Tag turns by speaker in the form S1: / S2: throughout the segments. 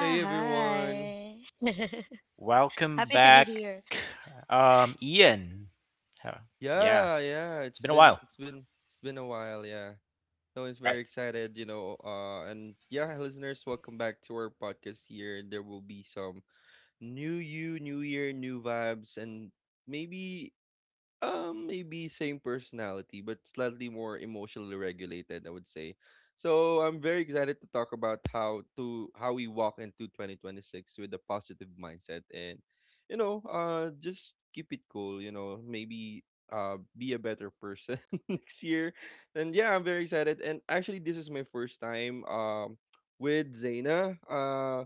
S1: Hey everyone.
S2: hi. Happy to be here,
S1: Yeah, yeah, it's been a while, yeah. No, it's very excited, you know, and yeah, listeners, welcome back to our podcast here. There will be some new year, new vibes and maybe maybe same personality, but slightly more emotionally regulated, I would say. So I'm very excited to talk about how we walk into 2026 with a positive mindset and just keep it cool, maybe be a better person next year. And yeah, I'm very excited. And actually this is my first time with Zaina.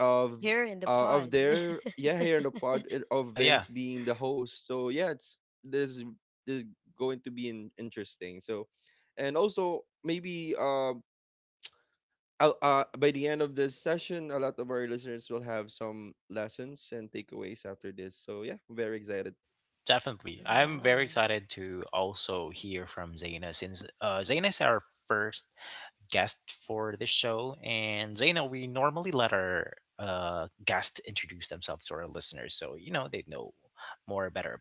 S1: of
S2: here in the
S1: of
S2: pod.
S1: their, yeah, here in the pod, and of Vince being the host. So yeah, it's this this is going to be interesting. So and also maybe by the end of this session, a lot of our listeners will have some lessons and takeaways after this. So yeah, very excited.
S2: Yeah,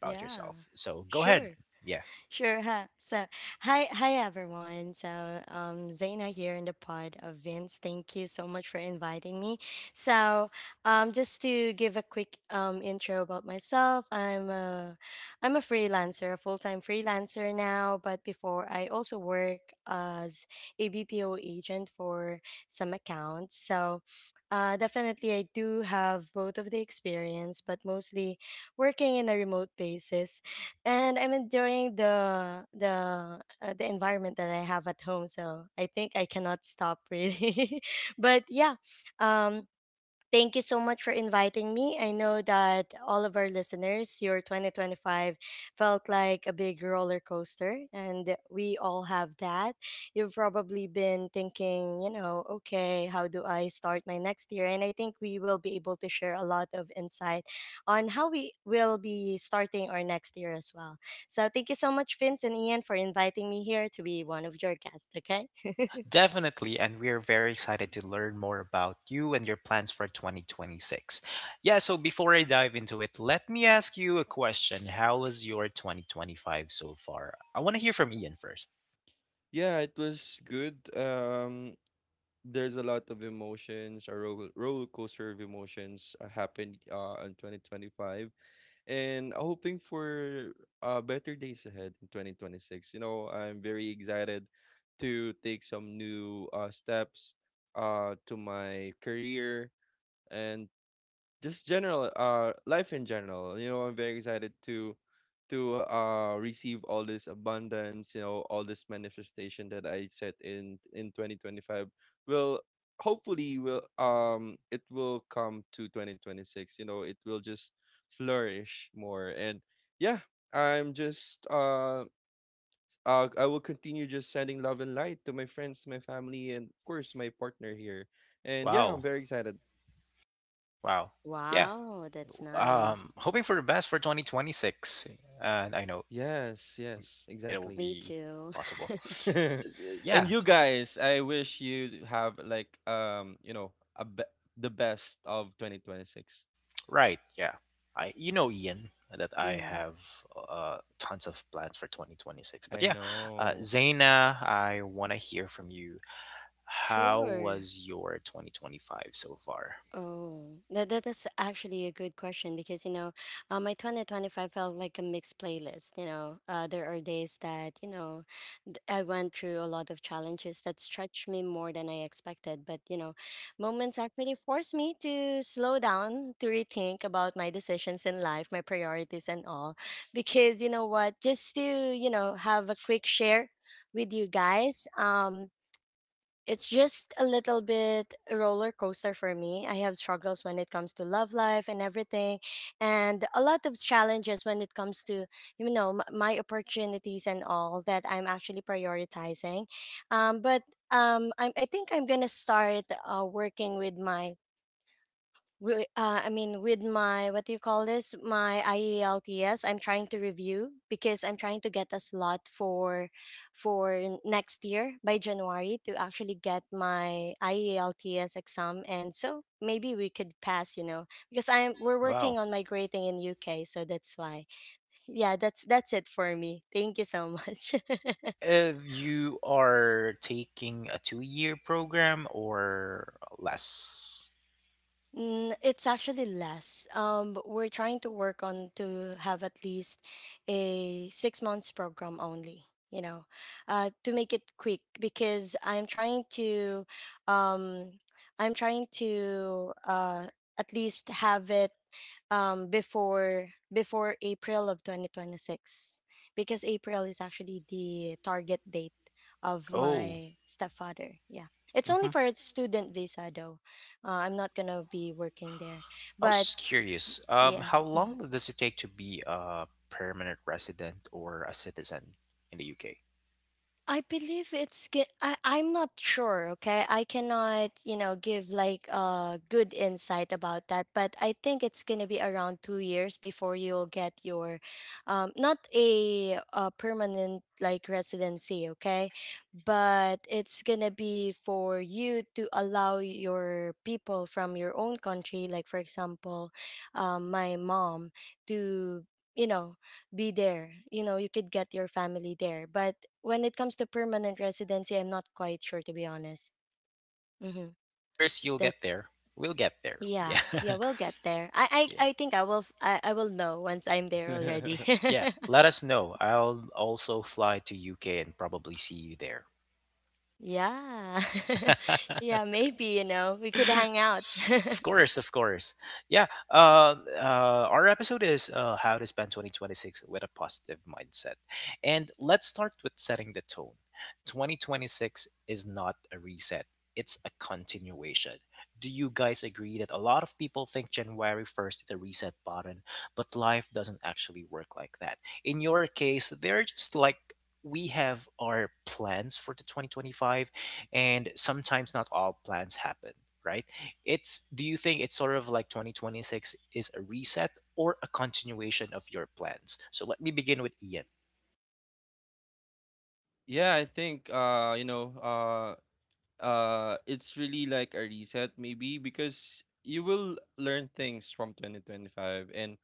S2: yeah, sure. Sure. Huh? So, hi everyone. So, Zaina here in the pod of Vince. Thank you so much for inviting me. So, just to give a quick intro about myself, I'm a freelancer, a full time freelancer now. But before, I also work as a BPO agent for some accounts. So, definitely, I do have both of the experience, but mostly working in a remote basis, and I'm enjoying the environment that I have at home. So I think I cannot stop really. But yeah, um, Thank you so much for inviting me. I know that all of our listeners, your 2025 felt like a big roller coaster, and we all have that. You've probably been thinking, you know, okay, how do I start my next year? And I think we will be able to share a lot of insight on how we will be starting our next year as well. So thank you so much, Vince and Ian, for inviting me here to be one of your guests, okay?
S1: Yeah, it was good. There's a lot of emotions, a roller coaster of emotions, happened in 2025, and hoping for better days ahead in 2026. You know, I'm very excited to take some new, steps, to my career, and just general life in general. You know, I'm very excited to receive all this abundance, you know, all this manifestation that I set in 2025 will hopefully, will it will come to 2026. You know, it will just flourish more. And yeah, I'm just, I will continue just sending love and light to my friends, my family, and of course my partner here. And yeah, I'm very excited.
S2: Wow, that's nice.
S1: Yes, yes, exactly.
S2: Me too.
S1: And you guys, I wish you have, like, the best of 2026.
S2: Yeah,
S1: I know.
S2: sure. Oh, that's actually a good question because you know, my 2025 felt like a mixed playlist. You know, there are days that, you know, I went through a lot of challenges that stretched me more than I expected. But you know, moments actually forced me to slow down, to rethink about my decisions in life, my priorities, and all. Because you know what, just to, you know, have a quick share with you guys. It's just a little bit roller coaster for me. I have struggles when it comes to love life and everything, and a lot of challenges when it comes to, you know, my opportunities and all that I'm actually prioritizing. But I think I'm gonna start working with my I mean, with my, what do you call this? My IELTS, I'm trying to review because I'm trying to get a slot for next year by January to actually get my IELTS exam, and so maybe we could pass, you know, because I'm we're working on migrating in UK, so that's why. Yeah, that's it for me. Thank you so much. Mm, it's actually less. But we're trying to work on to have at least a 6 months program only. You know, to make it quick because I'm trying to, um, I'm trying to uh, at least have it before April of 2026, because April is actually the target date of my stepfather. Yeah. It's only for a student visa though. I'm not going to be working there. But yeah. Mm. I believe it's good. I'm not sure, okay? I cannot, you know, give like a good insight about that, but I think it's going to be around 2 years before you'll get your, not a permanent like residency, okay? But it's going to be for you to allow your people from your own country, like for example, my mom, to, you know, be there. You know, you could get your family there. But when it comes to permanent residency, I'm not quite sure to be honest. Mm-hmm. That's, yeah, yeah, we'll get there. I think I will. I will know once I'm there already. Yeah. Yeah. Maybe, you know, we could hang out.
S1: Yeah, I think, it's really like a reset, maybe, because you will learn things from 2025. And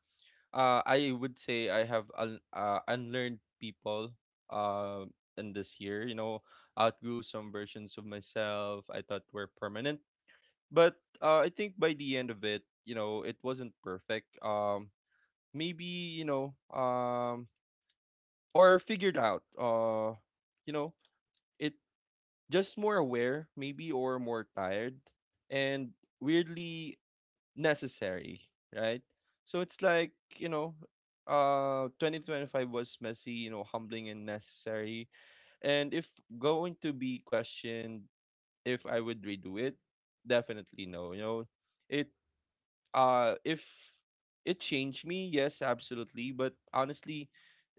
S1: I would say I have unlearned people uh in this year, you know, outgrew some versions of myself I thought were permanent, but I think by the end of it, you know, it wasn't perfect. Maybe, you know, or figured out. You know, it, just more aware, maybe, or more tired, and weirdly necessary, right? So it's like, you know, 2025 was messy, you know, humbling and necessary. And if going to be questioned, if I would redo it, definitely no. You know, it if it changed me, yes, absolutely. But honestly,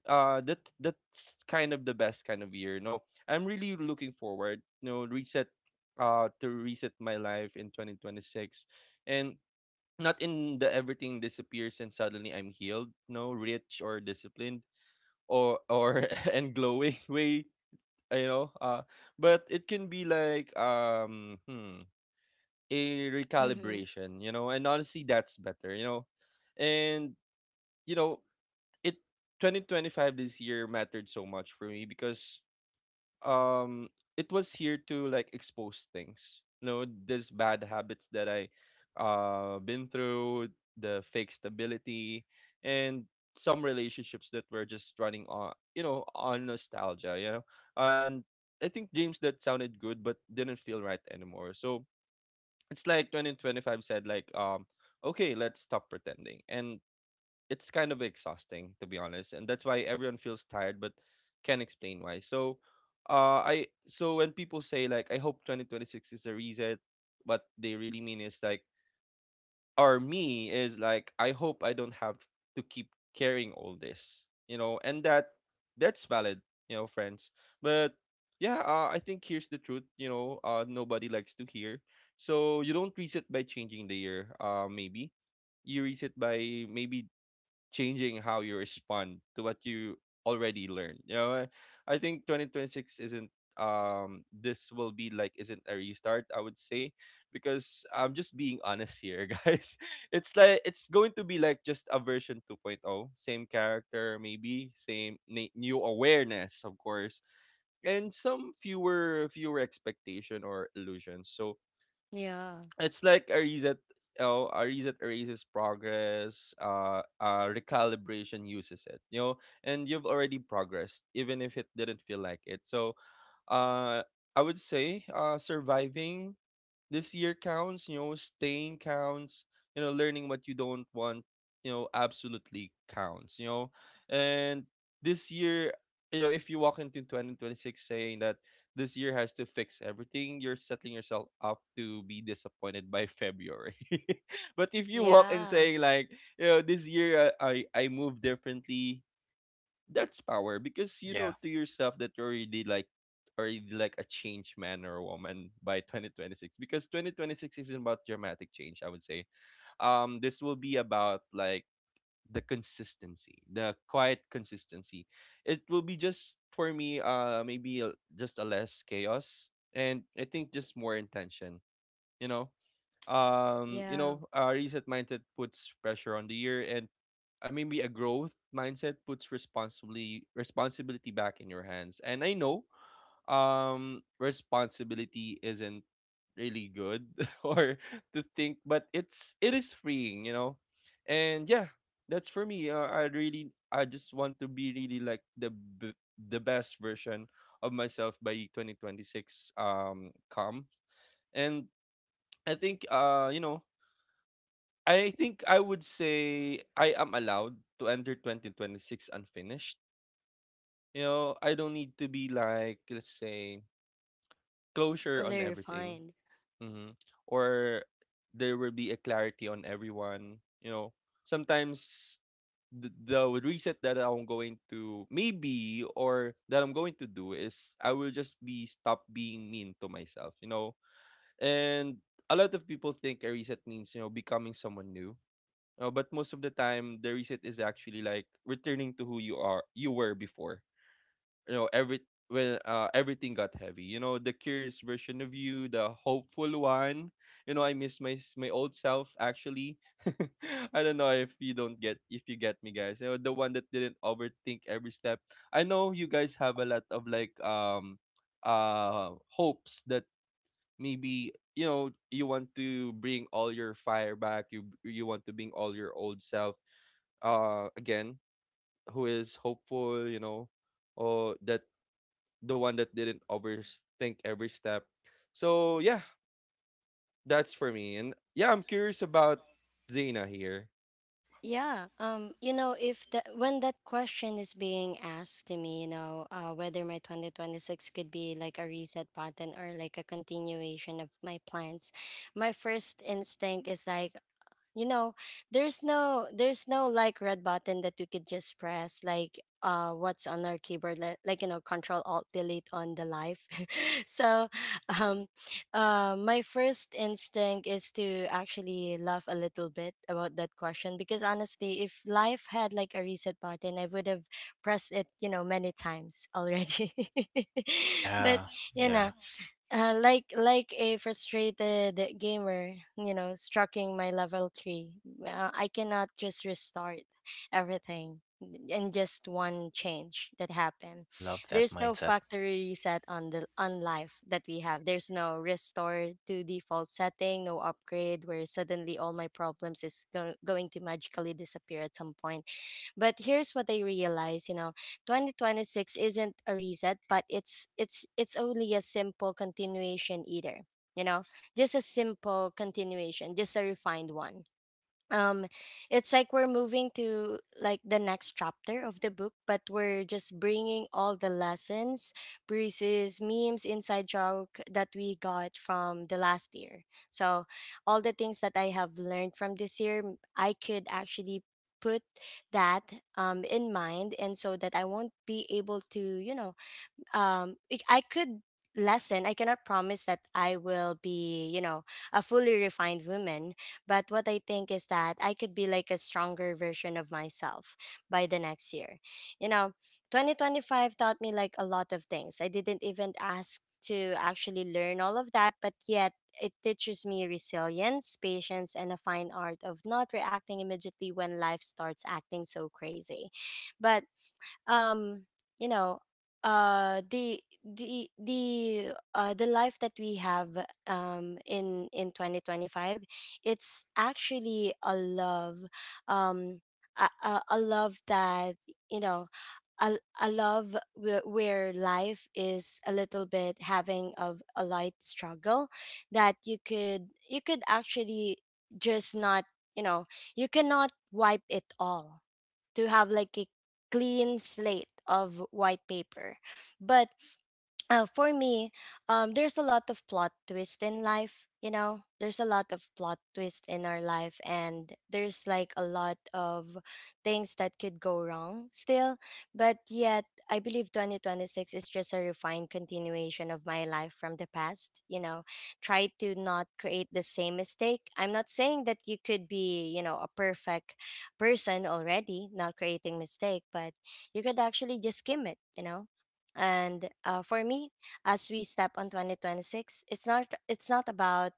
S1: that's kind of the best kind of year. No, I'm really looking forward. No, reset to reset my life in 2026. And not in the everything disappears and suddenly I'm healed, no, rich or disciplined, or and glowing way, you know. But it can be like, a
S2: Mm-hmm.
S1: recalibration, you know, and honestly, that's better, you know. And, you know, it 2025, this year, mattered so much for me, because um it was here to, like, expose things, you know, these bad habits that I been through, the fake stability, and some relationships that were just running on, you know, on nostalgia, you know. And I think James that sounded good but didn't feel right anymore. So it's like 2025 said, like, okay, let's stop pretending. And it's kind of exhausting, to be honest, and that's why everyone feels tired but can't explain why. So, I so when people say, like, I hope 2026 is a reset, what they really mean is, like, or me is, like, I hope I don't have to keep carrying all this, you know, and that's valid, you know, friends. But yeah, I think here's the truth, you know, nobody likes to hear. So you don't reset by changing the year. Maybe you reset by, maybe, changing how you respond to what you already learned. You know, I think 2026 isn't this will be like isn't a restart, I would say, because I'm just being honest here. Guys, it's like, it's going to be like just a version 2.0. Same character, maybe, new awareness, of course, and some fewer expectation or illusions. So
S2: Yeah,
S1: it's like a reset. Oh, a reset erases progress. Recalibration uses it, you know. And you've already progressed, even if it didn't feel like it. So, uh I would say, surviving this year counts, you know, staying counts, you know, learning what you don't want, you know, absolutely counts, you know. And this year, you know, if you walk into 2026 saying that this year has to fix everything, you're setting yourself up to be disappointed by February. But if you walk and
S2: yeah,
S1: say, like, you know, this year, I move differently, that's power. Because you know to yourself that you're already like a changed man or woman by 2026, because 2026 isn't about dramatic change, I would say. This will be about, like, the consistency, the quiet consistency. It will be just for me, maybe, just a less chaos, and I think just more intention, you know.
S2: yeah.
S1: Reset mindset puts pressure on the year. And, maybe a growth mindset puts responsibly responsibility back in your hands. And I know responsibility isn't really good or to think, but it is freeing, you know. And yeah, that's for me. I really, I just want to be really, like, the the best version of myself by 2026 comes. And I think, I would say I am allowed to enter 2026 unfinished. You know, I don't need to be, like, let's say, closure on
S2: Really
S1: everything.
S2: refined.
S1: hmm Or there will be a clarity on everyone. You know, sometimes the reset that I'm going to, maybe, or that I'm going to do is I will just be stop being mean to myself, you know. And a lot of people think a reset means, you know, becoming someone new. No, but most of the time the reset is actually like returning to who you were before. You know, every when everything got heavy. You know, the curious version of you, the hopeful one. You know, I miss my old self, actually. I don't know if you don't get, if you get me, guys. You know, the one that didn't overthink every step. I know you guys have a lot of, like, hopes that, maybe, you know, you want to bring all your fire back. You want to bring all your old self again, who is hopeful, you know, or that, the one that didn't overthink every step. So yeah, that's for me. And yeah, I'm curious about Zena here.
S2: Yeah. You know, if that when that question is being asked to me, you know, whether my 2026 could be like a reset button or like a continuation of my plans, my first instinct is like, you know, there's no like red button that you could just press, like, what's on our keyboard, like, you know, control alt delete on the live. So um my first instinct is to actually laugh a little bit about that question, because honestly if life had like a reset button, I would have pressed it, you know, many times already. But you know, like a frustrated gamer, you know, striking my level three. I cannot just restart everything in just one change that happened. There's no factory reset on the on life that we have. There's no restore to default setting, no upgrade where suddenly all my problems going to magically disappear at some point, but here's what I realize, you know, 2026 isn't a reset, but it's only a simple continuation either. You know, just a simple continuation, just a refined one. Um it's like we're moving to like the next chapter of the book, but we're just bringing all the lessons, breezes, memes, inside joke that we got from the last year. So all the things that I have learned from this year, I could actually put that in mind, and so that I won't be able to, you know, I could lessen. I cannot promise that I will be, you know, a fully refined woman, but what I think is that I could be like a stronger version of myself by the next year. You know, 2025 taught me like a lot of things I didn't even ask to actually learn all of that, but yet it teaches me resilience, patience, and a fine art of not reacting immediately when life starts acting so crazy. But um you know the life that we have in 2025, it's actually a love, um a love that, you know, a love where life is a little bit having of a light struggle that you could, you could actually just not, you know, you cannot wipe it all to have like a clean slate of white paper. But for me, there's a lot of plot twist in life. You know, there's a lot of plot twist in our life, and there's like a lot of things that could go wrong still. But yet, I believe 2026 is just a refined continuation of my life from the past. You know, try to not create the same mistake. I'm not saying that you could be, you know, a perfect person already, not creating mistake, but you could actually just skim it, you know. And for me, as we step on 2026,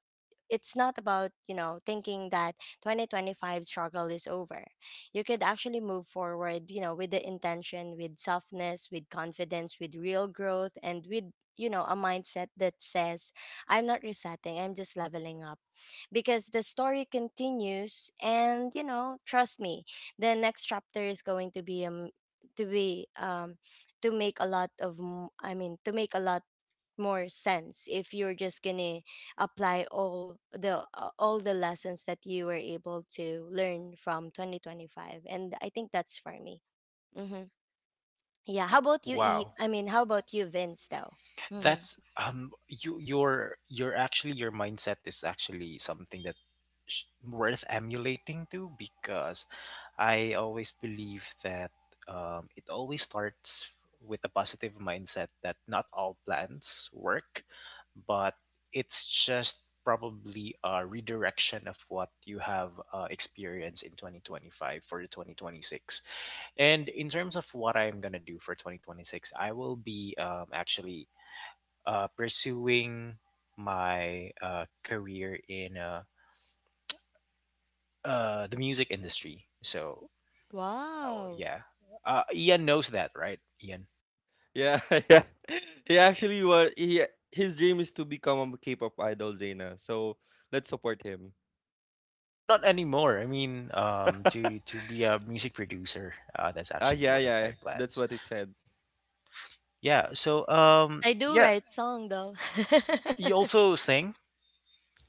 S2: it's not about, you know, thinking that 2025 struggle is over. You could actually move forward, you know, with the intention, with softness, with confidence, with real growth, and with, you know, a mindset that says I'm not resetting, I'm just leveling up, because the story continues, and you know, trust me, the next chapter is going to be um to make a lot of I mean, to make a lot more sense if you're just gonna apply all the lessons that you were able to learn from 2025. And I think that's for me. Mm-hmm. Yeah, how about you, I mean, how about you, Vince, though? Mm-hmm. Wow.
S1: Yeah, yeah, he actually was he his dream is to become a K-pop idol, Zena, so let's support him. Ah, yeah, yeah, that's what it said.
S2: I do write song though.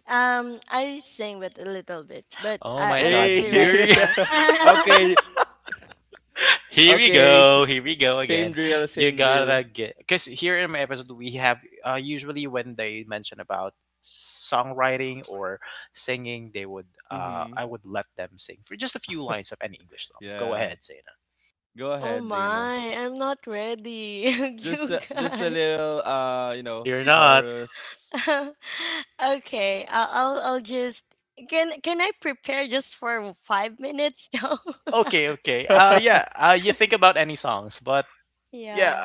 S2: I sing with a little bit, but I
S1: Hey,
S2: mostly write song.
S1: okay, okay, same drill, mm-hmm, yeah, go
S2: Oh
S1: ahead, Zena.
S2: my, I'm not ready.
S1: Just
S2: You
S1: a just a
S2: guys.
S1: little, chorus.
S2: Okay, I'll just, can I prepare just for 5 minutes though? Yeah.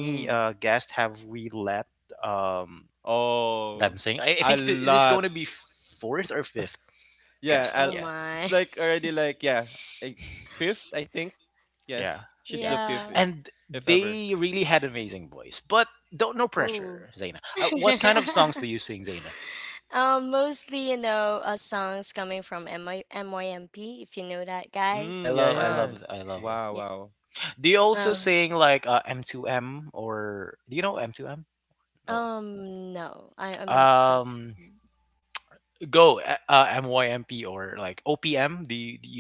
S1: Mm. Oh, a lot. Yeah, I
S2: Oh
S1: it's
S2: my.
S1: like already, like, yeah, a fifth, I think. Yes, she's the fifth
S2: Yeah.
S1: if ever.
S2: Ooh. Mostly, you know, songs coming from MIMYMP. If you know that, guys.
S1: Mm, yeah, yeah. Wow,
S2: Yeah.
S1: wow.
S2: Um, no, I'm not quite sure.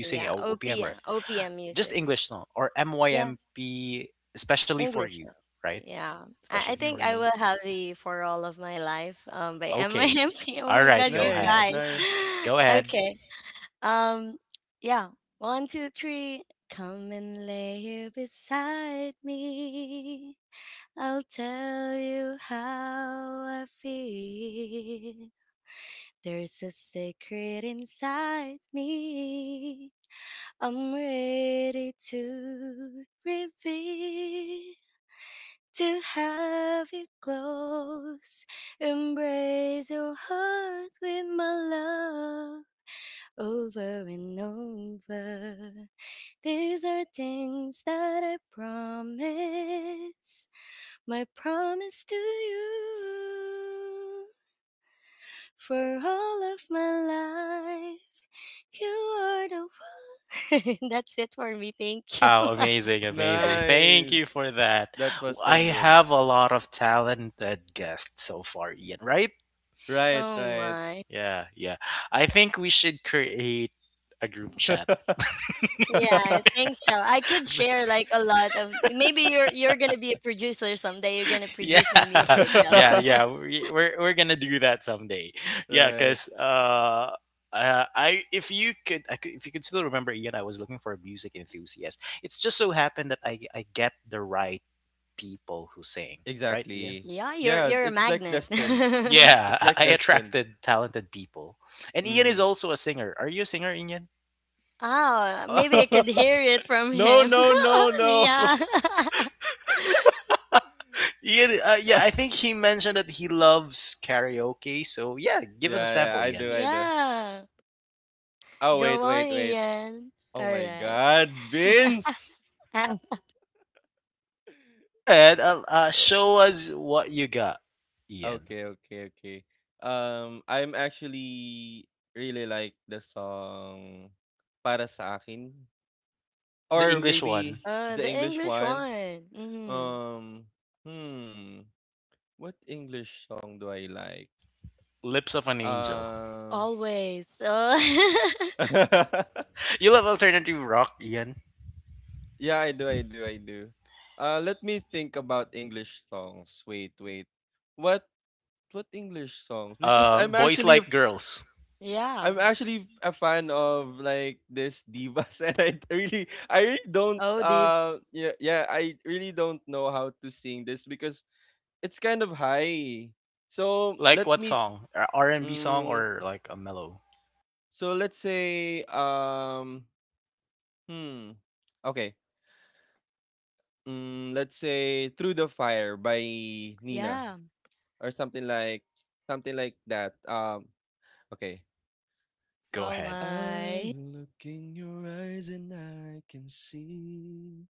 S2: Yeah, OPM OPM musics. Yeah. English. Yeah. I think I
S1: Mhm.
S2: will have the For All of My Life by MIMP. Oh my god, you
S1: Nice,
S2: guys.
S1: nice,
S2: Okay. Um yeah. One, two, three. Come and lay here beside me. I'll tell you how I feel. There's a secret inside me. I'm ready to reveal, to have you close. Embrace your heart with my love over and over. These are things that I promise, my promise to you for all of my life. You are the one. That's it for me. Thank you.
S1: nice. That was so good. Right,
S2: Oh
S1: right.
S2: my. Yeah, I think so. I could share like a lot of, maybe you're gonna be a producer someday. You're gonna produce my music though.
S1: Right. Exactly.
S2: Yeah, you're
S1: Yeah,
S2: you're a
S1: it's like
S2: magnet.
S1: destined. It's like destined. Mhm.
S2: Oh, maybe I could hear it from
S1: No,
S2: him.
S1: no, no, no.
S2: Yeah.
S1: Yeah, yeah, I do, I do.
S2: Yeah.
S1: Oh,
S2: Go
S1: wait,
S2: on,
S1: wait, wait.
S2: Ian. All
S1: Oh my
S2: right.
S1: God, Vince. Uh, Okay, okay, okay. I'm actually really like the song Para sa akin, or maybe the
S2: The
S1: English
S2: English
S1: one.
S2: one. Mm-hmm.
S1: Um, hmm. What English song do I like? Uh,
S2: Always. Oh,
S1: yeah, I do, I do, I do. Let me think about English songs. Wait, wait. What what English songs? Because I'm actually
S2: yeah.
S1: a fan of, like, this divas, and I really don't
S2: Oh, deep.
S1: know how to sing this, because it's kind of high. So let me, mm, so let's say, Hmm. Okay. Let's say Through the Fire by Nina,
S2: Yeah.
S1: or something like, something like that. Okay.
S2: Oh
S1: I'm
S2: my.
S1: looking your eyes and I can see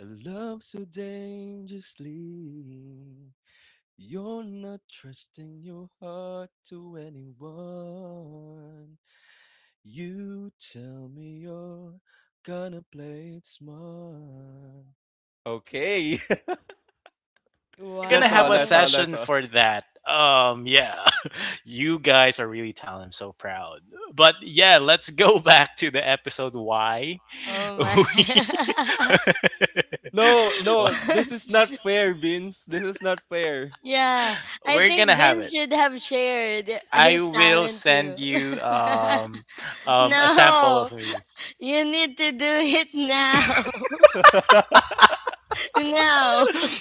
S1: a love so dangerously. You're not trusting your heart to anyone. You tell me you're gonna play it smart. Okay. That's all. That's all.
S2: Wow.
S1: That's all.
S2: Oh my.
S1: No, no, this is not fair, Vince. This is not fair.
S2: Yeah. I think Vince should have shared his talent too. No. You need to do it now. No.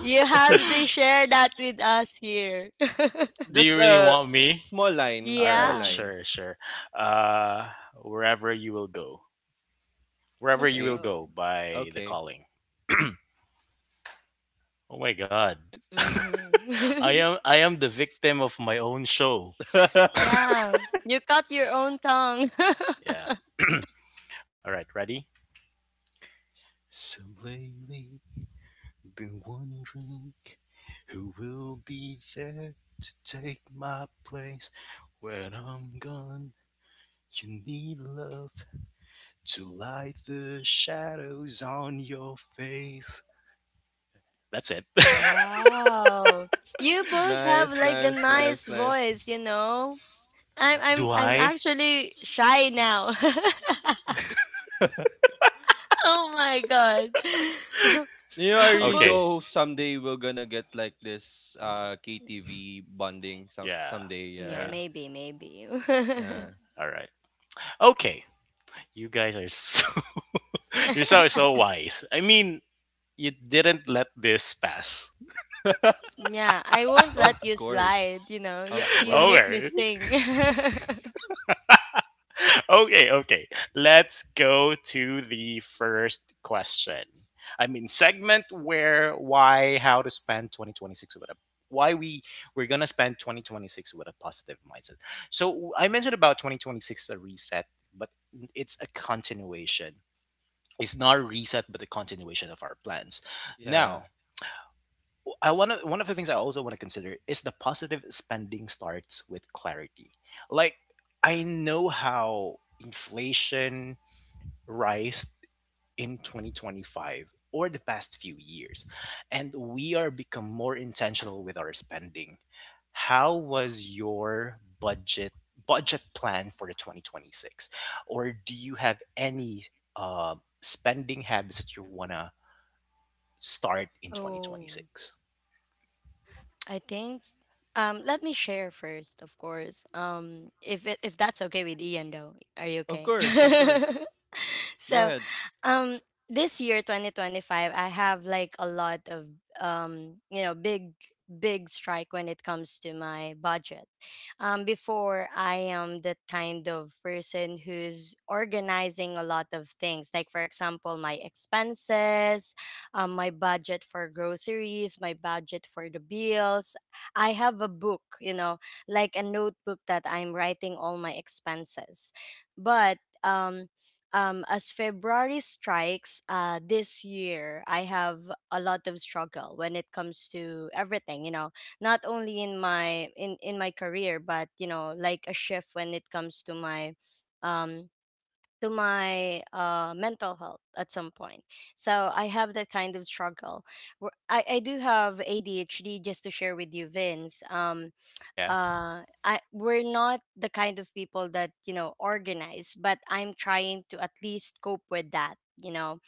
S2: You have to share that with us here.
S1: Just a small line, small
S2: Yeah.
S1: line. Okay,
S2: Go.
S1: okay.
S2: Hmm. Yeah. You cut your own tongue. Wow. You both have
S1: Nice,
S2: like a
S1: nice, nice,
S2: nice
S1: nice.
S2: voice, you know? I'm actually shy now. Oh my god.
S1: You know, I really do
S2: Both.
S1: hope someday we're gonna get like this KTV bonding, someday,
S2: Yeah,
S1: right?
S2: maybe, maybe.
S1: Yeah.
S2: Yeah, I won't
S1: Of
S2: let you slide,
S1: course.
S2: you know. You
S1: Of
S2: you make me
S1: course.
S2: sing.
S1: Yeah.
S2: Oh, I think let me share first, of course. If that's okay with Ian though. Are you
S1: Of
S2: okay?
S1: course, of course. Go
S2: So
S1: ahead.
S2: um this year 2025 I have like a lot of um you know big big strike when it comes to my budget. Before, I am the kind of person who's organizing a lot of things, like for example my expenses, my budget for groceries, my budget for the bills. I have a book, you know, like a notebook that I'm writing all my expenses. But as February strikes this year, I have a lot of struggle when it comes to everything. You know, not only in my in my career, but you know, like a shift when it comes um to my mental health at some point. So I have that kind of struggle. I do have ADHD. Just to share with you, Vince. I, we're not the kind of people that, you know, organize, but I'm trying to at least cope with that, you know.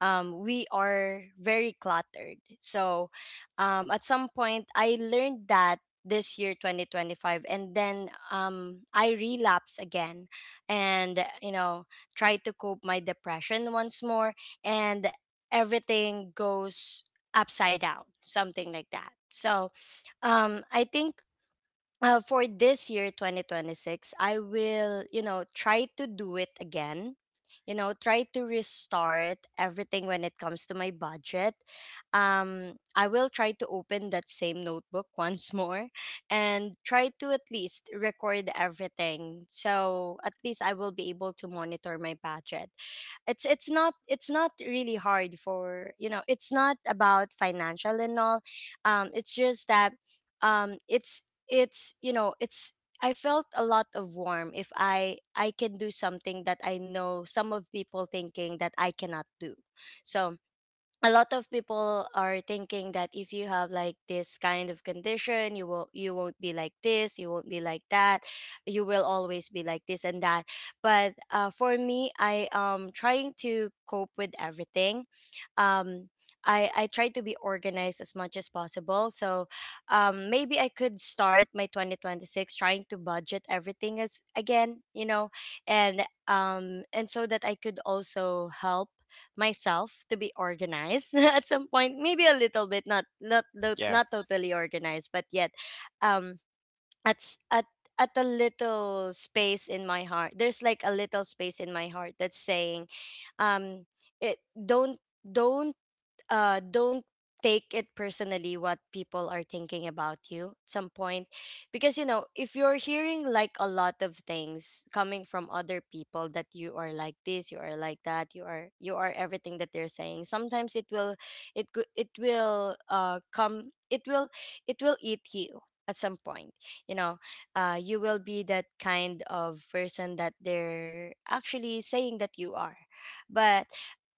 S2: We are very cluttered. So at some point I learned that this year 2025, and then I relapse again, and you know, try to cope my depression once more, and everything goes upside down, something like that. So I think for this year 2026 I will, you know, try to do it again. You know, try to restart everything when it comes to my budget. I will try to open that same notebook once more, and try to at least record everything, so at least I will be able to monitor my budget. It's not really hard for, you know, it's not about financial and all. It's just that it's you know it's I felt a lot of warm if I can do something that I know some of people thinking that I cannot do. So a lot of people are thinking that if you have like this kind of condition, you will, you won't be like this, you won't be like that, you will always be like this and that. But for me, I am trying to cope with everything. um I try to be organized as much as possible. So maybe I could start my 2026 trying to budget everything as again, you know, and and so that I could also help myself to be organized at some point. Maybe a little bit, not totally organized, but yet um at at a little space in my heart, there's like a little space in my heart that's saying um it don't don't don't take it personally what people are thinking about you at some point. Because you know, if you're hearing like a lot of things coming from other people that you are like this, you are like that, you are, you are everything that they're saying, sometimes it will, it will it will eat you at some point, you know. You will be that kind of person that they're actually saying that you are. But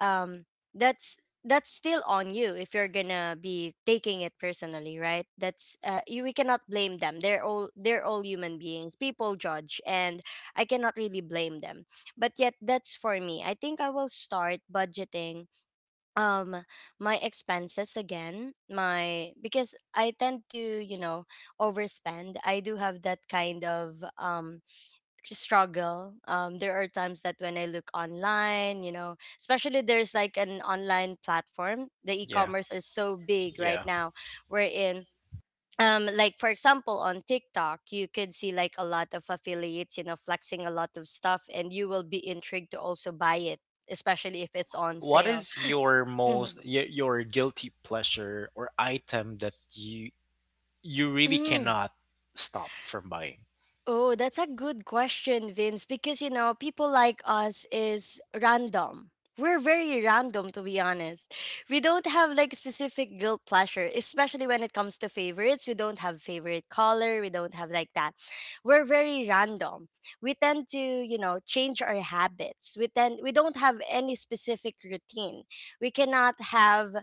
S2: um that's that's still on you if you're gonna be taking it personally, right? That's you, we cannot blame them, they're all, they're all human beings, people judge, and I cannot really blame them. But yet, that's, for me, I think I will start budgeting um my expenses again, my, because I tend to, you know, overspend. I do have that kind of struggle. There are times that when I look online, you know, especially there's like an online platform. The e-commerce is so big right now. We're in like for example on TikTok, you could see like a lot of affiliates, you know, flexing a lot of stuff, and you will be intrigued to also buy it, especially if it's on sale. Mhm. Mm. Oh, that's a good question, Vince, because you know, people like us is random. We're very random, to be honest. We don't have like specific guilt pleasure, especially when it comes to favorites. We don't have favorite color, we don't have like that. We're very random. We tend to, you know, change our habits. We tend, we don't have any specific routine. We cannot have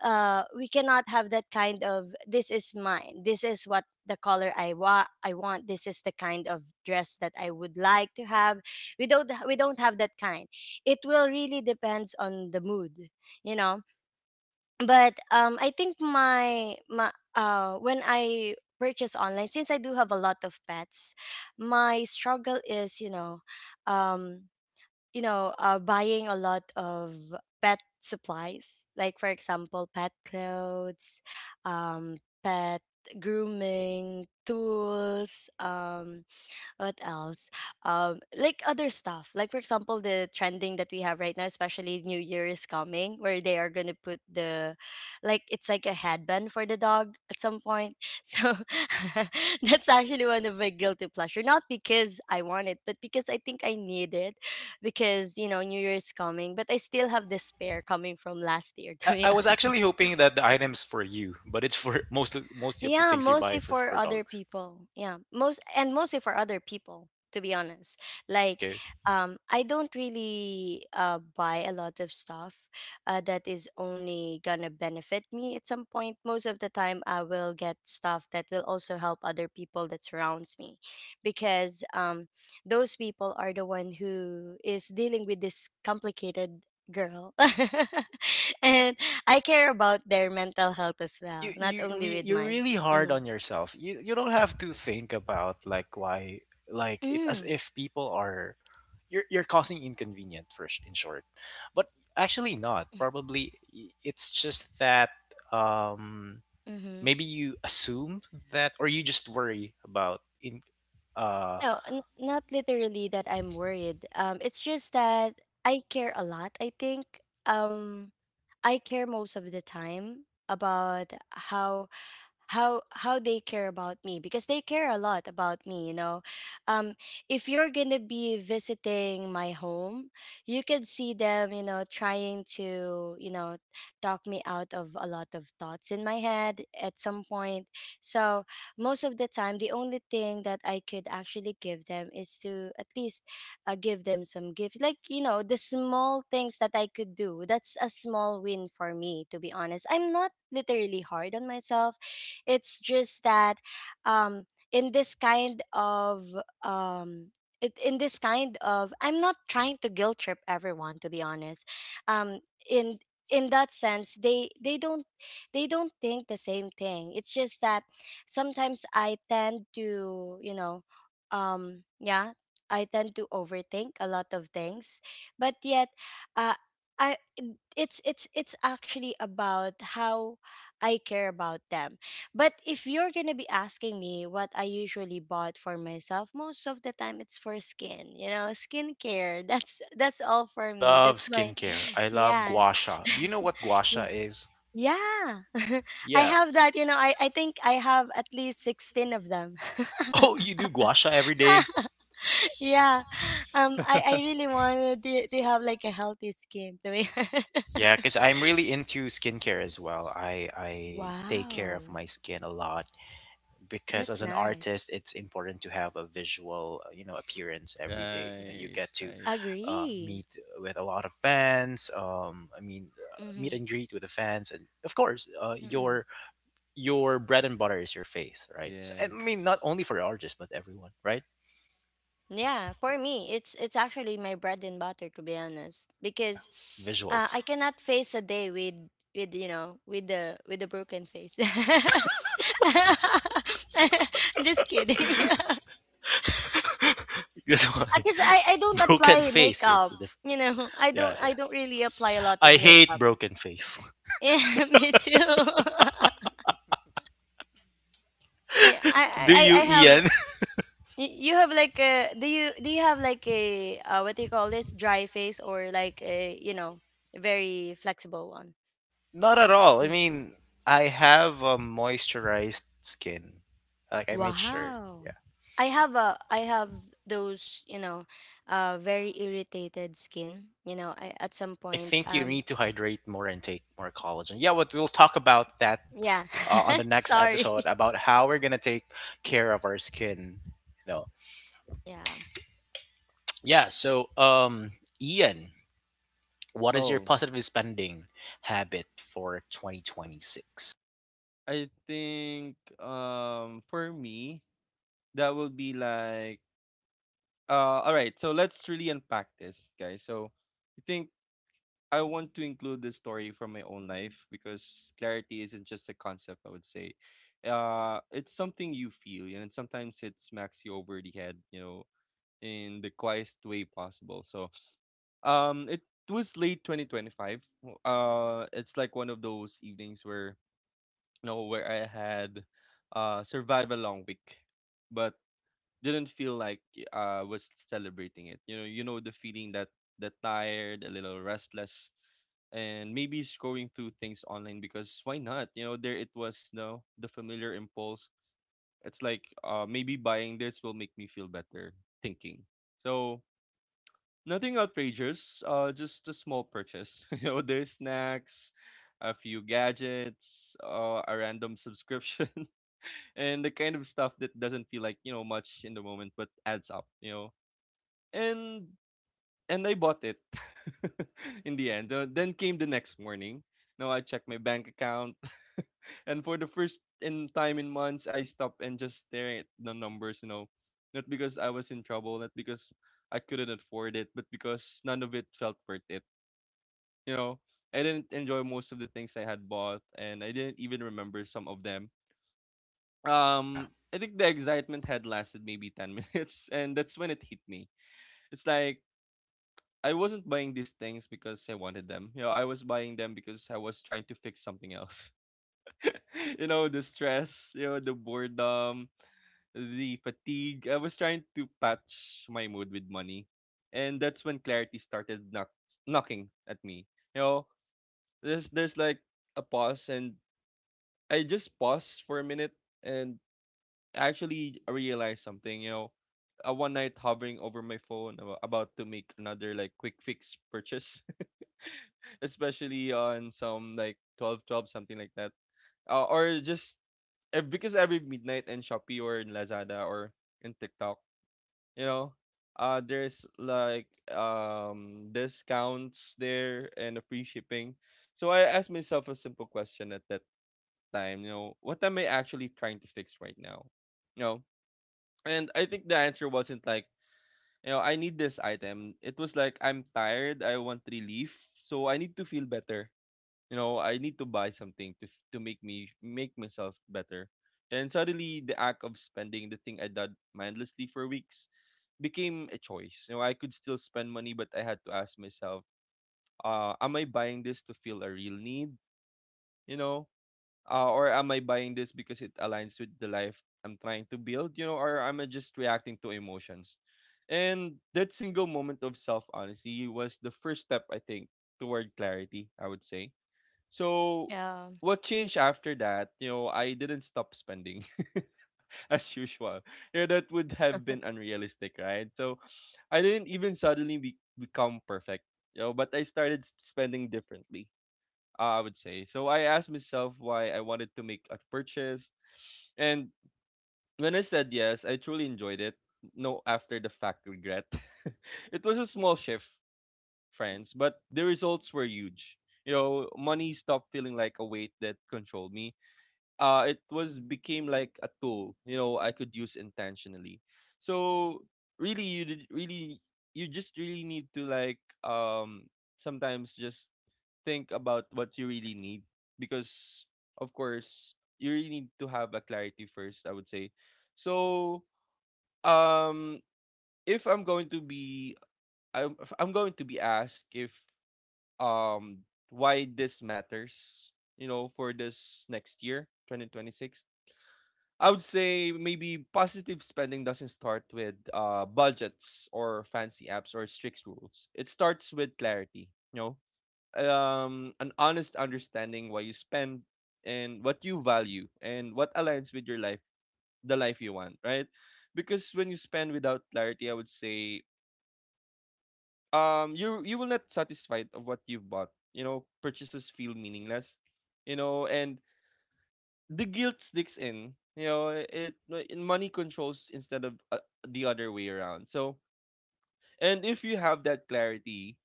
S2: we cannot have that kind of, this is mine, this is what the color I want, I want this is the kind of dress that I would like to have. We don't have that kind. It will really depends on the mood, you know. But I think my when I purchase online, since I do have a lot of pets, my struggle is, you know, um you know, buying a lot of pet supplies, like for example, pet clothes, um, pet grooming tools, what else? Like other stuff. Like for example, the trending that we have right now, especially New Year is coming, where they are gonna put the, like it's like a headband for the dog at some point. So that's actually one of my guilty pleasure. Not because I want it, but because I think I need it. Because you know New Year is coming, but I still have despair coming from last year. To be honest. Yeah, mostly for other people. Yeah, most and mostly for other people. To be honest, like I don't really buy a lot of stuff that is only gonna benefit me at some point. Most of the time, I will get stuff that will also help other people that surrounds me, because those people are the one who is dealing with this complicated girl, and I care about their mental health as well, not only with mine. Mm-hmm. Mm, mm-hmm. No, not literally that I'm worried. It's just that I care a lot, I think. I care most of the time about how how they care about me, because they care a lot about me, you know. um if you're gonna be visiting my home, you could see them, you know, trying to, you know, talk me out of a lot of thoughts in my head at some point. So most of the time, the only thing that I could actually give them is to at least give them some gift, like you know, the small things that I could do. That's a small win for me, to be honest. I'm not literally hard on myself. It's just that um, in this kind of um, in this kind of, I'm not trying to guilt trip everyone, to be honest. Um, in in that sense, they don't, they don't think the same thing. It's just that sometimes I tend to, you know, yeah, I tend to overthink a lot of things, but yet. Uh, I, it's it's actually about how I care about them. But if you're gonna be asking me what I usually bought for myself, most of the time it's for skin, you know, skincare. That's all for me. That's my yeah. Yeah. Yeah. I have that, you know, I think I have at least 16 of them. Yeah. Um, I really wanted to have like a healthy skin to be wow. That's nice.
S1: Right, right.
S2: Agree. Mm-hmm.
S1: Yes.
S2: Yeah, for me, it's actually my bread and butter, to be honest, because I cannot face a day with, you know, with the, with the broken face. Just kidding. Because I don't apply makeup. You know, I don't really apply a lot of makeup. Yeah, me too. Yeah, I, I have you have like a, do you have like a what do you call this, dry face or like a, you know, very flexible one? Mhm. Wow. I have those, you know, very irritated skin, you know, I, at some point, yeah. Sorry. Yeah.
S1: Oh, I think for me that would be like uh all right, so let's really unpack this, guys. So I think I want to include this story from my own life because clarity isn't just a concept, I would say. It's something you feel, and sometimes it smacks you over the head, you know, in the quietest way possible. It was late 2025. It's like one of those evenings where you know where I had survived a long week, but didn't feel like was celebrating it. You know the feeling, that tired, a little restless, and maybe scrolling through things online because why not? You know, there it was. No, the familiar impulse. It's like maybe buying this will make me feel better. Thinking so. Nothing outrageous, just a small purchase. You know, there's snacks, a few gadgets, a random subscription, and the kind of stuff that doesn't feel like, you know, much in the moment, but adds up, you know. And and I bought it in the end. Then came the next morning. Now I checked my bank account. And for the first in time in months, I stopped and just staring at the numbers, you know. Not because I was in trouble, not because I couldn't afford it, but because none of it felt worth it. You know, I didn't enjoy most of the things I had bought, and I didn't even remember some of them. I think the excitement had lasted maybe 10 minutes, and that's when it hit me. It's like, I wasn't buying these things because I wanted them. You know, I was buying them because I was trying to fix something else. You know, the stress, you know, the boredom, the fatigue. I was trying to patch my mood with money. And that's when clarity started knocking at me. You know, there's like a pause, and I just paused for a minute and actually realized something, you know. A one night hovering over my phone about to make another like quick fix purchase, especially on some like 12 twelve, something like that, or just because every midnight in shopee or in lazada or in tiktok, you know, there's like discounts there and a free shipping. So I asked myself a simple question at that time, you know, what am I actually trying to fix right now, you know? And I think the answer wasn't like, you know, I need this item. It was like, I'm tired, I want relief, so I need to feel better. You know, I need to buy something to make me make myself better. And suddenly the act of spending, the thing I did mindlessly for weeks, became a choice. You know, I could still spend money, but I had to ask myself, am I buying this to feel a real need? You know, or am I buying this because it aligns with the life I'm trying to build? You know, or am I just reacting to emotions? And that single moment of self honesty was the first step, I think, toward clarity. I would say so.
S2: Yeah.
S1: What changed after that? You know, I didn't stop spending as usual. You know, that would have been unrealistic, right? So I didn't even suddenly become perfect, you know, but I started spending differently, I would say. So I asked myself why I wanted to make a purchase. And when I said yes, I truly enjoyed it. No after the fact regret. It was a small shift, friends, but the results were huge. You know, money stopped feeling like a weight that controlled me. It was became like a tool, you know, I could use intentionally. So really, you did really, you just really need to like sometimes just think about what you really need, because of course you really need to have a clarity first, I would say. So um if I'm going to be, if I'm going to be asked if, um why this matters, you know, for this next year 2026, I would say maybe positive spending doesn't start with budgets or fancy apps or strict rules. It starts with clarity, you know, an honest understanding why you spend and what you value and what aligns with your life, the life you want, right? Because when you spend without clarity, I would say, you you will not satisfied of what you've bought. You know, purchases feel meaningless. You know, and the guilt sticks in. You know, it, money controls instead of, the other way around. So, and if you have that clarity,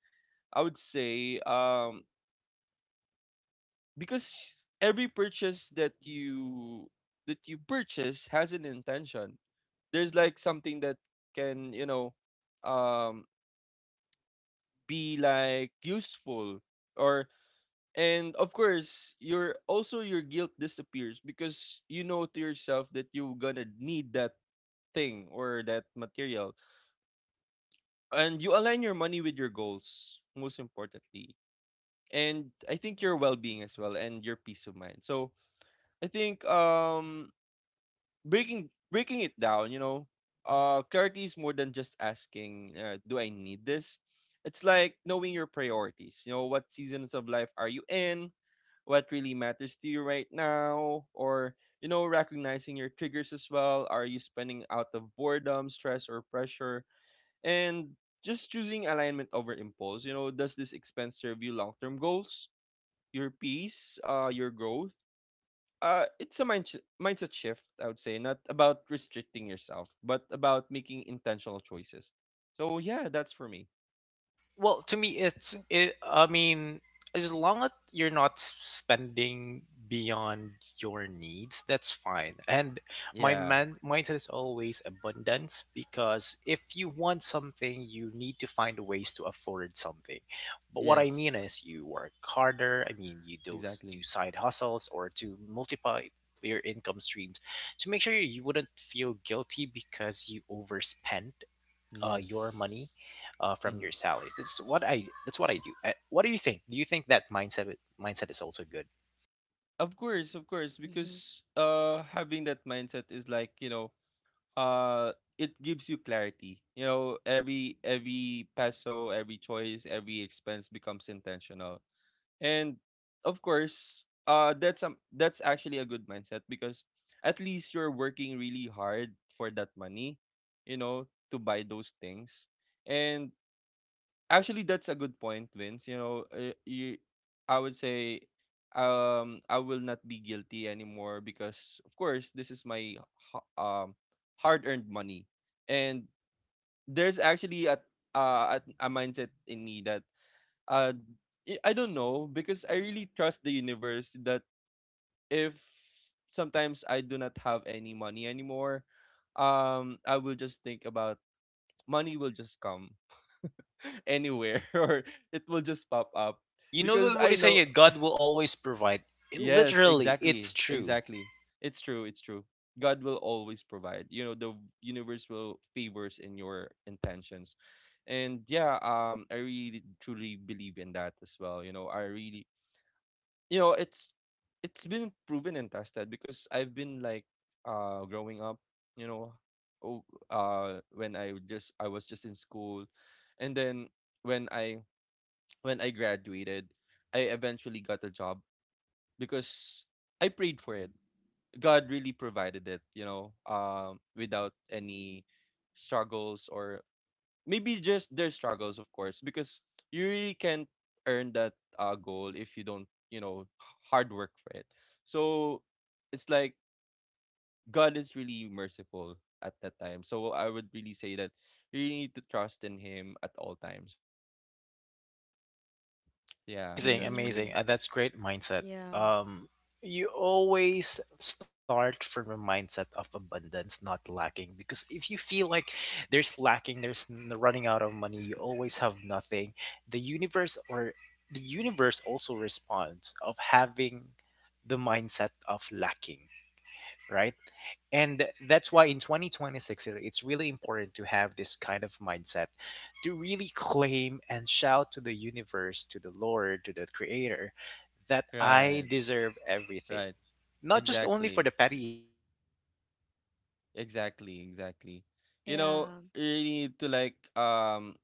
S1: I would say because every purchase that you purchase has an intention. There's like something that can, you know, um be like useful or, and of course your also your guilt disappears because you know to yourself that you're gonna need that thing or that material. And you align your money with your goals, most importantly. And I think your well-being as well and your peace of mind. So I think breaking it down, you know, clarity is more than just asking, do I need this? It's like knowing your priorities. You know, what seasons of life are you in? What really matters to you right now? Or, you know, recognizing your triggers as well. Are you spending out of boredom, stress, or pressure? And just choosing alignment over impulse, you know, does this expense serve you long term goals, your peace, your growth? It's a mindset shift, I would say, not about restricting yourself, but about making intentional choices. So, yeah, that's for me. Yeah. Yes. Exactly. Yes. Hmm. Of course,
S2: Hmm.
S1: because having that mindset is like, you know, uh it gives you clarity, you know, every peso, every choice, every expense becomes intentional. And of course, that's, that's actually a good mindset, because at least you're working really hard for that money, you know, to buy those things. And actually, that's a good point, Vince. You know, you, I would say, I will not be guilty anymore because, of course, this is my ha- um hard-earned money, and there's actually a, a mindset in me that uh I don't know because I really trust the universe that if sometimes I do not have any money anymore, I will just think about money will just come anywhere or it will just pop up because I know, yes, exactly, exactly, it's true, it's true. God will always provide, you know, the universe will favors in your intentions. And yeah, I really truly believe in that as well, you know, I really, you know, it's been proven and tested because I've been like, growing up, you know, oh, when I just I was just in school, and then when I, when I graduated, I eventually got a job because I prayed for it. God really provided it, you know, without any struggles, or maybe just their struggles, of course, because you really can't earn that, goal if you don't, you know, hard work for it. So it's like God is really merciful at that time. So I would really say that you really need to trust in Him at all times. Yeah, that's for me.
S2: Mm. Yeah.
S1: Right, right. Exactly. Exactly. Exactly. You
S2: Yeah.
S1: know, you really need to like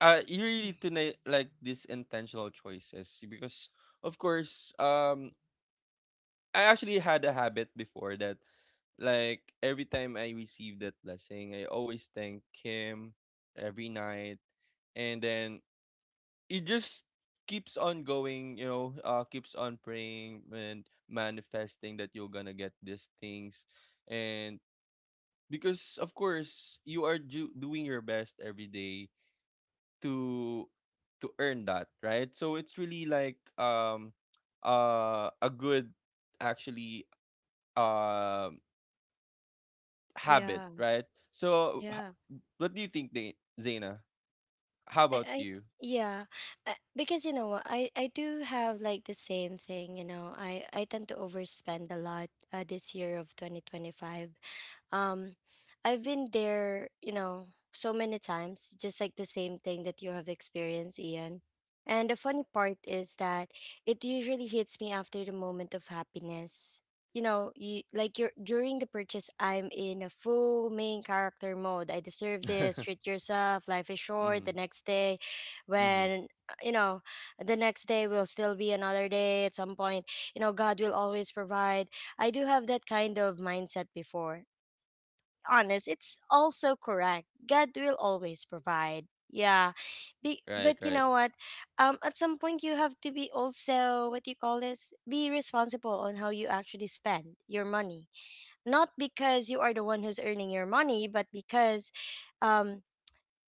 S1: you really
S2: Mm.
S1: need to like these intentional choices, because of course, I actually had a habit before that, like every time I receive that blessing I always thank him every night, and then it just keeps on going, you know, keeps on praying and manifesting that you're gonna get these things. And because of course you are doing your best every day to to earn that, right? So it's really like, a good, actually, um habit,
S2: Yeah.
S1: right? So
S2: Yeah.
S1: what do you think, Zaina, how
S2: I,
S1: about
S2: I
S1: you?
S2: yeah, because you know what, I do have like the same thing. You know, I tend to overspend a lot this year of 2025, um, I've been there, you know, so many times, just like the same thing that you have experienced, Ian. And the funny part is that it usually hits me after the moment of happiness. You know, you like you're during the purchase, I'm in a full main character mode. I deserve this.
S1: Mm-hmm,
S2: Treat yourself. Life is short. The next day,
S1: mm-hmm.
S2: when you know, the next day will still be another day. At some point, you know, God will always provide. I do have that kind of mindset before honest, it's also correct. God will always provide. Yeah.
S1: Right,
S2: But you
S1: right.
S2: know what? At some point you have to be also, what do you call this? Be responsible on how you actually spend your money. Not because you are the one who's earning your money, but because um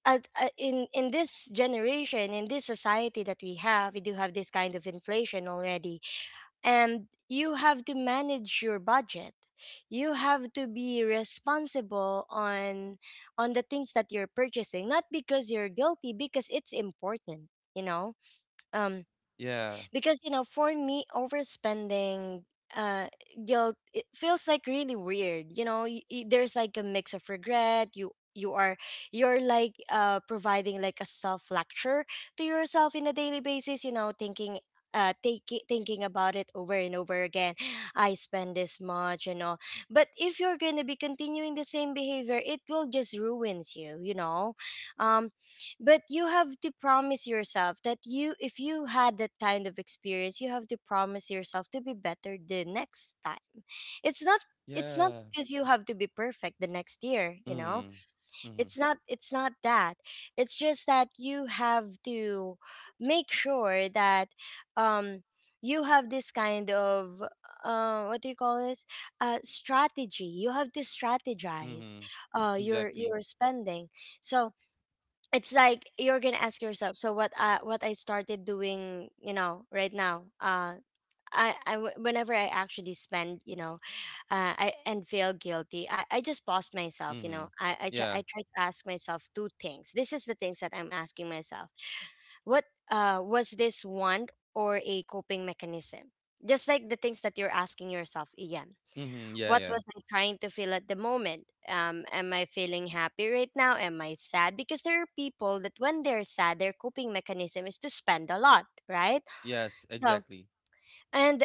S2: in this generation, in this society that we have, we do have this kind of inflation already, and you have to manage your budget. You have to be responsible on the things that you're purchasing, not because you're guilty, because it's important, you know. um
S1: Yeah,
S2: because you know, for me, overspending uh guilt, it feels like really weird, you know. There's like a mix of regret. You're like providing like a self lecture to yourself in a daily basis, you know, thinking take it, thinking about it over and over again. I spend this much and all, but if you're going to be continuing the same behavior, it will just ruins you, you know. um but you have to promise yourself that you, if you had that kind of experience, you have to promise yourself to be better the next time. It's not, it's not
S1: yeah.
S2: because you have to be perfect the next year, you know.
S1: Mm-hmm, mm-hmm,
S2: It's not, it's not that. It's just that you have to make sure that um you have this kind of what do you call this, strategy. You have to
S1: mm-hmm.
S2: strategize
S1: Exactly.
S2: your spending. So it's like you're gonna ask yourself, so what I, what I started doing, you know, right now, whenever I actually spend, you know, I and feel guilty, I just pause myself. You
S1: Mm-hmm.
S2: know,
S1: Yeah.
S2: I try to ask myself two things. This is the things that I'm asking myself. What was this want or a coping mechanism? Just like the things that you're asking yourself, Ian.
S1: Mm-hmm, yeah,
S2: What
S1: yeah.
S2: was I trying to feel at the moment? Am I feeling happy right now? Am I sad? Because there are people that when they're sad, their coping mechanism is to spend a lot, right?
S1: Yes,
S2: So,
S1: exactly.
S2: and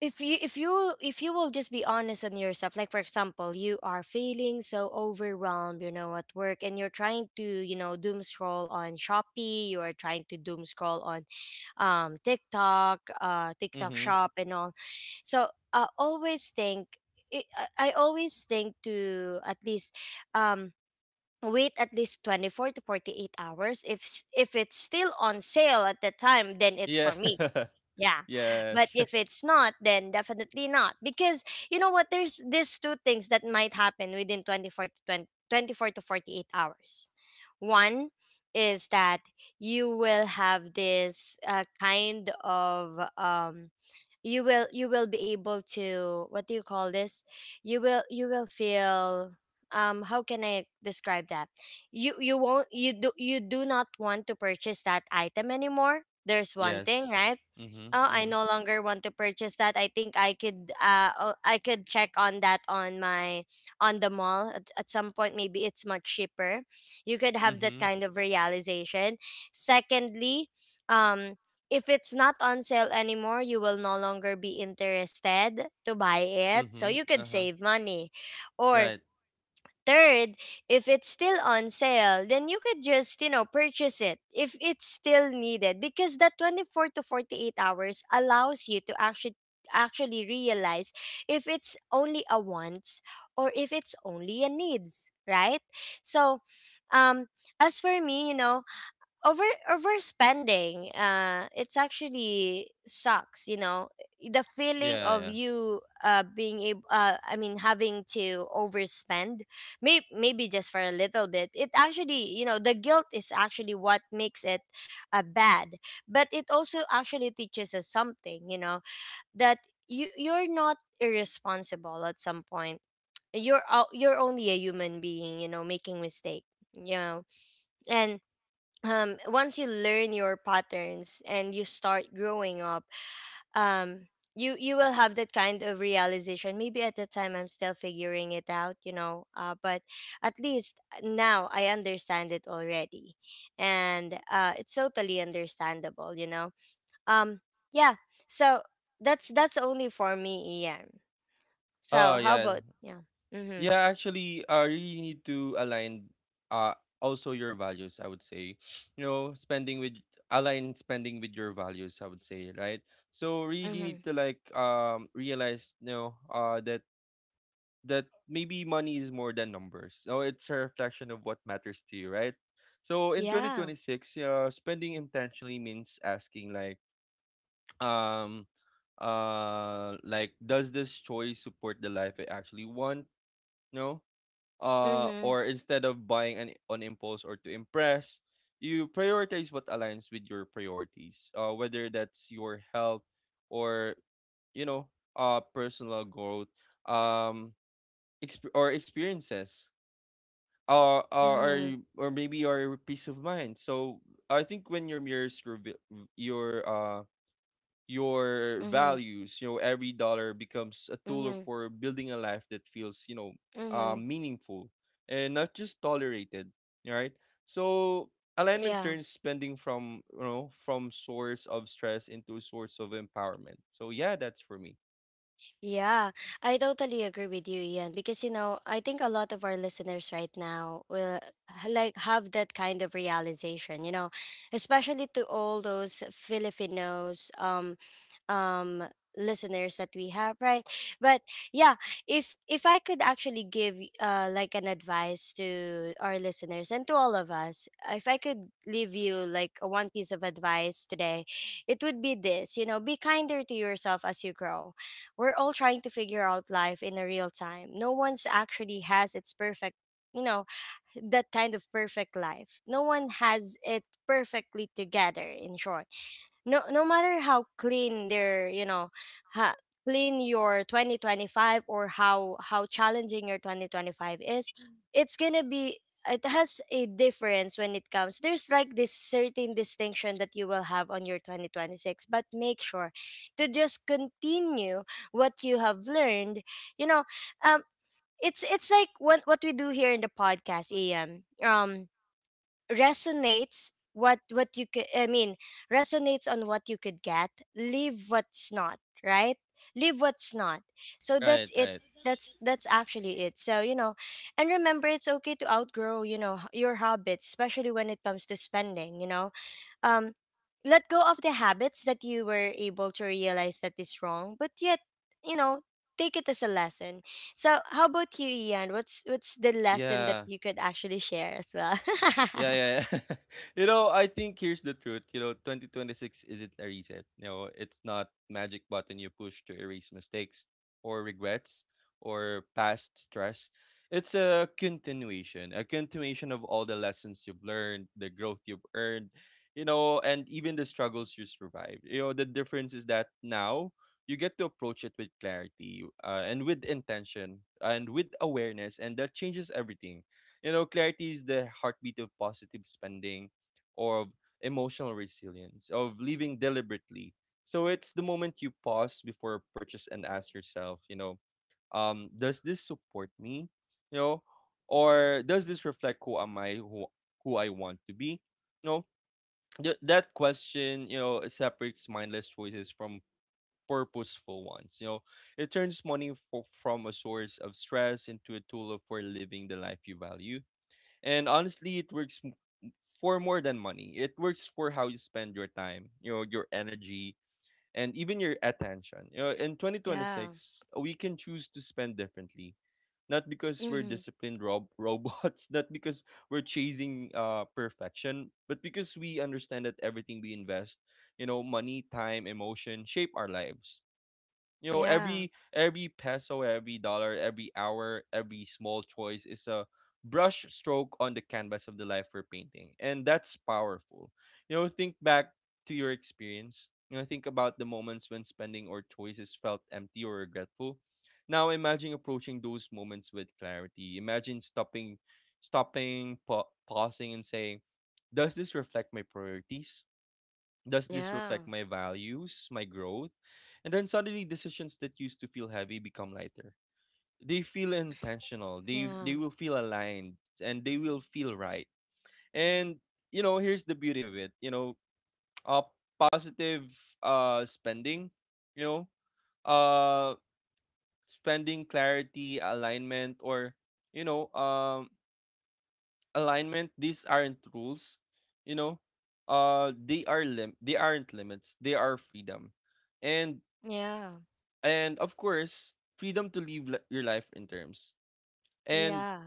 S2: if you, if you will just be honest on yourself, like for example, you are feeling so overwhelmed, you know, at work, and you're trying to, you know, doom scroll on Shopee, you are trying to doom scroll on TikTok, TikTok
S1: Mm-hmm.
S2: Shop and all. So, I always think, i, I, always think to at least um wait at least 24 to 48 hours. If s- if it's still on sale at the time, then it's
S1: Yeah.
S2: for me. Yeah.
S1: Yes.
S2: But if it's not, then definitely not. Because you know what? There's these two things that might happen within 24 to 20 24 to 48 hours. One is that you will have this kind of, you will, you will be able to, what do you call this, you will, you will feel, how can I describe that, you won't, you do, you do not want to purchase that item anymore. There's one thing,
S1: Yes.
S2: right?
S1: Mhm,
S2: Oh, I
S1: mhm.
S2: no longer want to purchase that. I think I could, oh, I could check on that on my, on the mall at some point, maybe it's much cheaper. You could have that
S1: Mhm,
S2: kind of realization. Secondly, um if it's not on sale anymore, you will no longer be interested to buy it. So
S1: mhm.
S2: you could
S1: Uh-huh.
S2: save money. Or
S1: Right.
S2: third, if it's still on sale, then you could just, you know, purchase it if it's still needed, because that 24 to 48 hours allows you to actually, actually realize if it's only a wants or if it's only a needs, right? So, um as for me, you know, over overspending, it's actually sucks, you know. The feeling
S1: Yeah,
S2: of
S1: yeah.
S2: you, being able, I mean having to overspend, maybe just for a little bit, it actually, you know, the guilt is actually what makes it bad, but it also actually teaches us something, you know, that you, you're not irresponsible at some point. You're you're only a human being, you know, making mistake, you know. And once you learn your patterns and you start growing up, um, you, you will have that kind of realization. Maybe at the time I'm still figuring it out, you know. But at least now I understand it already, and it's totally understandable, you know. Um, yeah. So that's only for me, Ian.
S1: Oh,
S2: So how
S1: yeah.
S2: about yeah? Mm-hmm.
S1: Yeah, actually, you need to align uh also your values, I would say. You know, spending with, align spending with your values, I would say, right? So really need
S2: Mm-hmm.
S1: to like realize, you know, that that maybe money is more than numbers. So it's a reflection of what matters to you, right? So in
S2: Yeah.
S1: 2026, yeah, spending intentionally means asking like, um, like, does this choice support the life I actually want? No.
S2: Mm-hmm.
S1: Or instead of buying an, on impulse or to impress, you prioritize what aligns with your priorities. Whether that's your health or you know, personal growth. Um, or experiences or
S2: Mm-hmm.
S1: or or maybe your peace of mind. So I think when your mirrors reveal your uh your
S2: Mm-hmm.
S1: values, you know, every dollar becomes a tool
S2: Mm-hmm.
S1: for building a life that feels,
S2: Mm-hmm.
S1: meaningful and not just tolerated, right? So alignment
S2: Yeah.
S1: turns spending from you know from source of stress into source of empowerment. So yeah, that's for me.
S2: Yeah, I totally agree with you, Ian, because you know, I think a lot of our listeners right now will like have that kind of realization, you know, especially to all those Filipinos. Um listeners that we have, right? But yeah, if I could actually give like an advice to our listeners and to all of us, if I could leave you like a one piece of advice today, it would be this, you know, be kinder to yourself as you grow. We're all trying to figure out life in a real time. No one's actually has its perfect, you know, that kind of perfect life. No one has it perfectly together, in short. No, no matter how clean their, you know, ha, clean your 2025 or how challenging your 2025 is, it's gonna be, it has a difference when it comes, there's like this certain distinction that you will have on your 2026. But make sure to just continue what you have learned, you know. um it's like what we do here in the podcast, am resonates what you could, I mean, resonates on what you could get. Leave what's not, right? Leave what's not. So
S1: Right,
S2: that's it.
S1: right.
S2: That's actually it. So you know, and remember, it's okay to outgrow, you know, your habits, especially when it comes to spending, you know. um Let go of the habits that you were able to realize that is wrong, but yet, you know, take it as a lesson. So how about you, Ian? What's the lesson that
S1: Yeah.
S2: you could actually share as well?
S1: Yeah, yeah, yeah. You know, I think here's the truth. You know, 2026 isn't a reset. You know, it's not magic button you push to erase mistakes or regrets or past stress. It's a continuation of all the lessons you've learned, the growth you've earned, you know, and even the struggles you survived. You know, the difference is that now you get to approach it with clarity and with intention and with awareness, and that changes everything. You know, clarity is the heartbeat of positive spending or of emotional resilience, of living deliberately. So it's the moment you pause before a purchase and ask yourself, does this support me? You know, or does this reflect who am I, who I want to be? You know, that question, you know, separates mindless choices from purposeful ones. You know, it turns money from a source of stress into a tool of for living the life you value. And honestly, it works for more than money. It works for how you spend your time, you know, your energy, and even your attention. You know, in
S2: Yeah.
S1: 2026, we can choose to spend differently. Not because we're
S2: Mm-hmm.
S1: disciplined robots, not because we're chasing perfection, but because we understand that everything we invest, you know, money, time, emotion, shape our lives. You know,
S2: Yeah.
S1: every peso, every dollar, every hour, every small choice is a brush stroke on the canvas of the life we're painting. And that's powerful. You know, think back to your experience. You know, think about the moments when spending or choices felt empty or regretful. Now imagine approaching those moments with clarity. Imagine pausing and saying, does this reflect my priorities? Does this
S2: Yeah.
S1: reflect my values, my growth? And then suddenly decisions that used to feel heavy become lighter. They feel intentional. They
S2: Yeah.
S1: they will feel aligned and they will feel right. And you know, here's the beauty of it. Uh positive spending, you know, uh spending clarity, alignment or you know, um alignment, these aren't rules, you know. They are they aren't limits. They are freedom. And
S2: Yeah.
S1: and of course, freedom to live your life in terms and
S2: Yeah.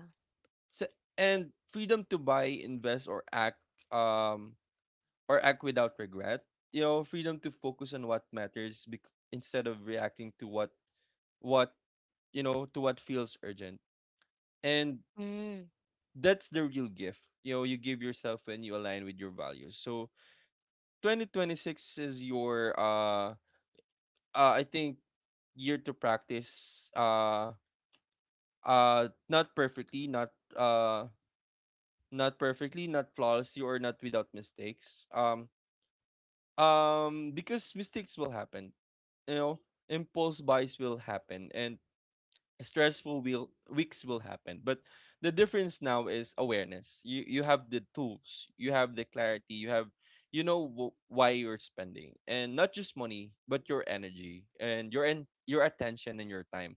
S1: se- and freedom to buy, invest or act, um or act without regret. You know, freedom to focus on what matters instead of reacting to what you know to what feels urgent. And
S2: Mm.
S1: that's the real gift, you know, you give yourself when you align with your values. So 2026 is your I think year to practice, uh not perfectly not uh not perfectly, not flawlessly, or not without mistakes. Because mistakes will happen. You know, impulse buys will happen, and stressful will weeks will happen. But the difference now is awareness. You have the tools, you have the clarity, you have, you know, why you're spending, and not just money, but your energy and your attention and your time,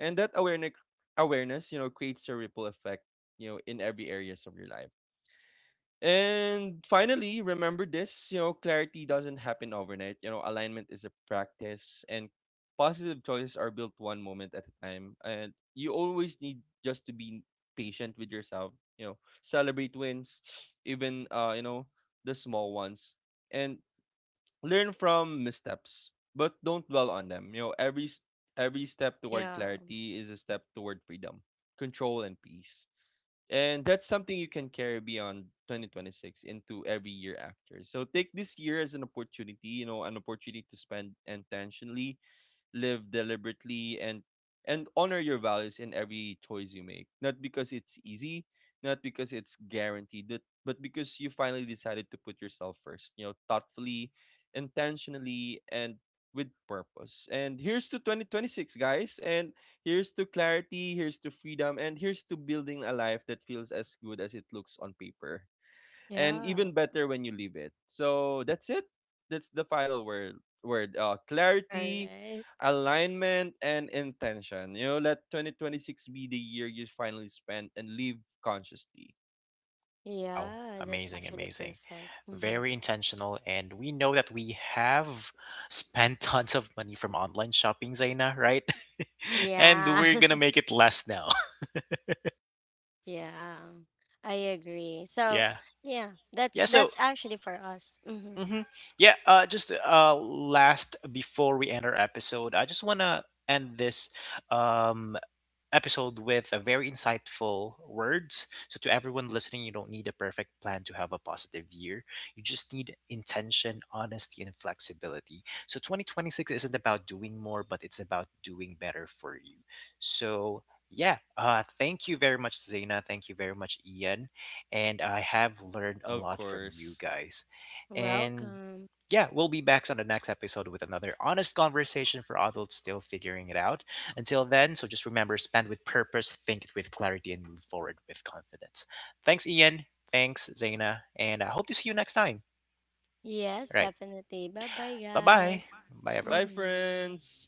S1: and that awareness, you know, creates a ripple effect, you know, in every areas of your life. And finally, remember this, you know, clarity doesn't happen overnight. You know, alignment is a practice and positive choices are built one moment at a time. And you always need just to be patient with yourself, you know, celebrate wins, even you know, the small ones. And learn from missteps, but don't dwell on them. You know, every step toward
S2: Yeah.
S1: clarity is a step toward freedom, control and peace. And that's something you can carry beyond 2026 into every year after. So take this year as an opportunity, you know, an opportunity to spend intentionally, live deliberately, and honor your values in every choice you make, not because it's easy, not because it's guaranteed, but because you finally decided to put yourself first, you know, thoughtfully, intentionally, and with purpose. And here's to 2026, guys, and here's to clarity, here's to freedom, and here's to building a life that feels as good as it looks on paper and
S2: Yeah.
S1: even better when you leave it. So that's it. That's the final word. Word,
S2: All
S1: clarity,
S2: right.
S1: alignment, and intention. You know, let 2026 be the year you finally spend and live consciously.
S3: Wow,
S2: Yeah, that's
S3: amazing,
S2: actually
S3: amazing.
S2: perfect. Mm-hmm.
S3: Very intentional. And we know that we have spent tons of money from online shopping, Zaina, right? And
S2: Yeah.
S3: we're gonna make it less now.
S2: yeah. I agree. So,
S3: yeah.
S2: yeah,
S3: Yeah, so
S2: that's actually for us. Mm-hmm.
S3: hmm yeah, just last before we end our episode, I just wanna end this um episode with very insightful words. So, to everyone listening, you don't need a perfect plan to have a positive year. You just need intention, honesty, and flexibility. So, 2026 isn't about doing more, but it's about doing better for you. So, yeah, thank you very much, Zaina. Thank you very much, Ian. And I have learned a
S1: Of
S3: lot from you
S1: course.
S3: guys. And
S2: Welcome.
S3: yeah, we'll be back on the next episode with another honest conversation for adults still figuring it out. Until then, just remember, spend with purpose, think with clarity, and move forward with confidence. Thanks, Ian. Thanks, Zaina. And I hope to see you next time. All
S2: Yes,
S3: right.
S2: definitely. Bye-bye,
S3: Bye
S2: guys.
S3: bye. Bye,
S1: Bye,
S3: everyone.
S2: Mm-hmm.
S1: friends.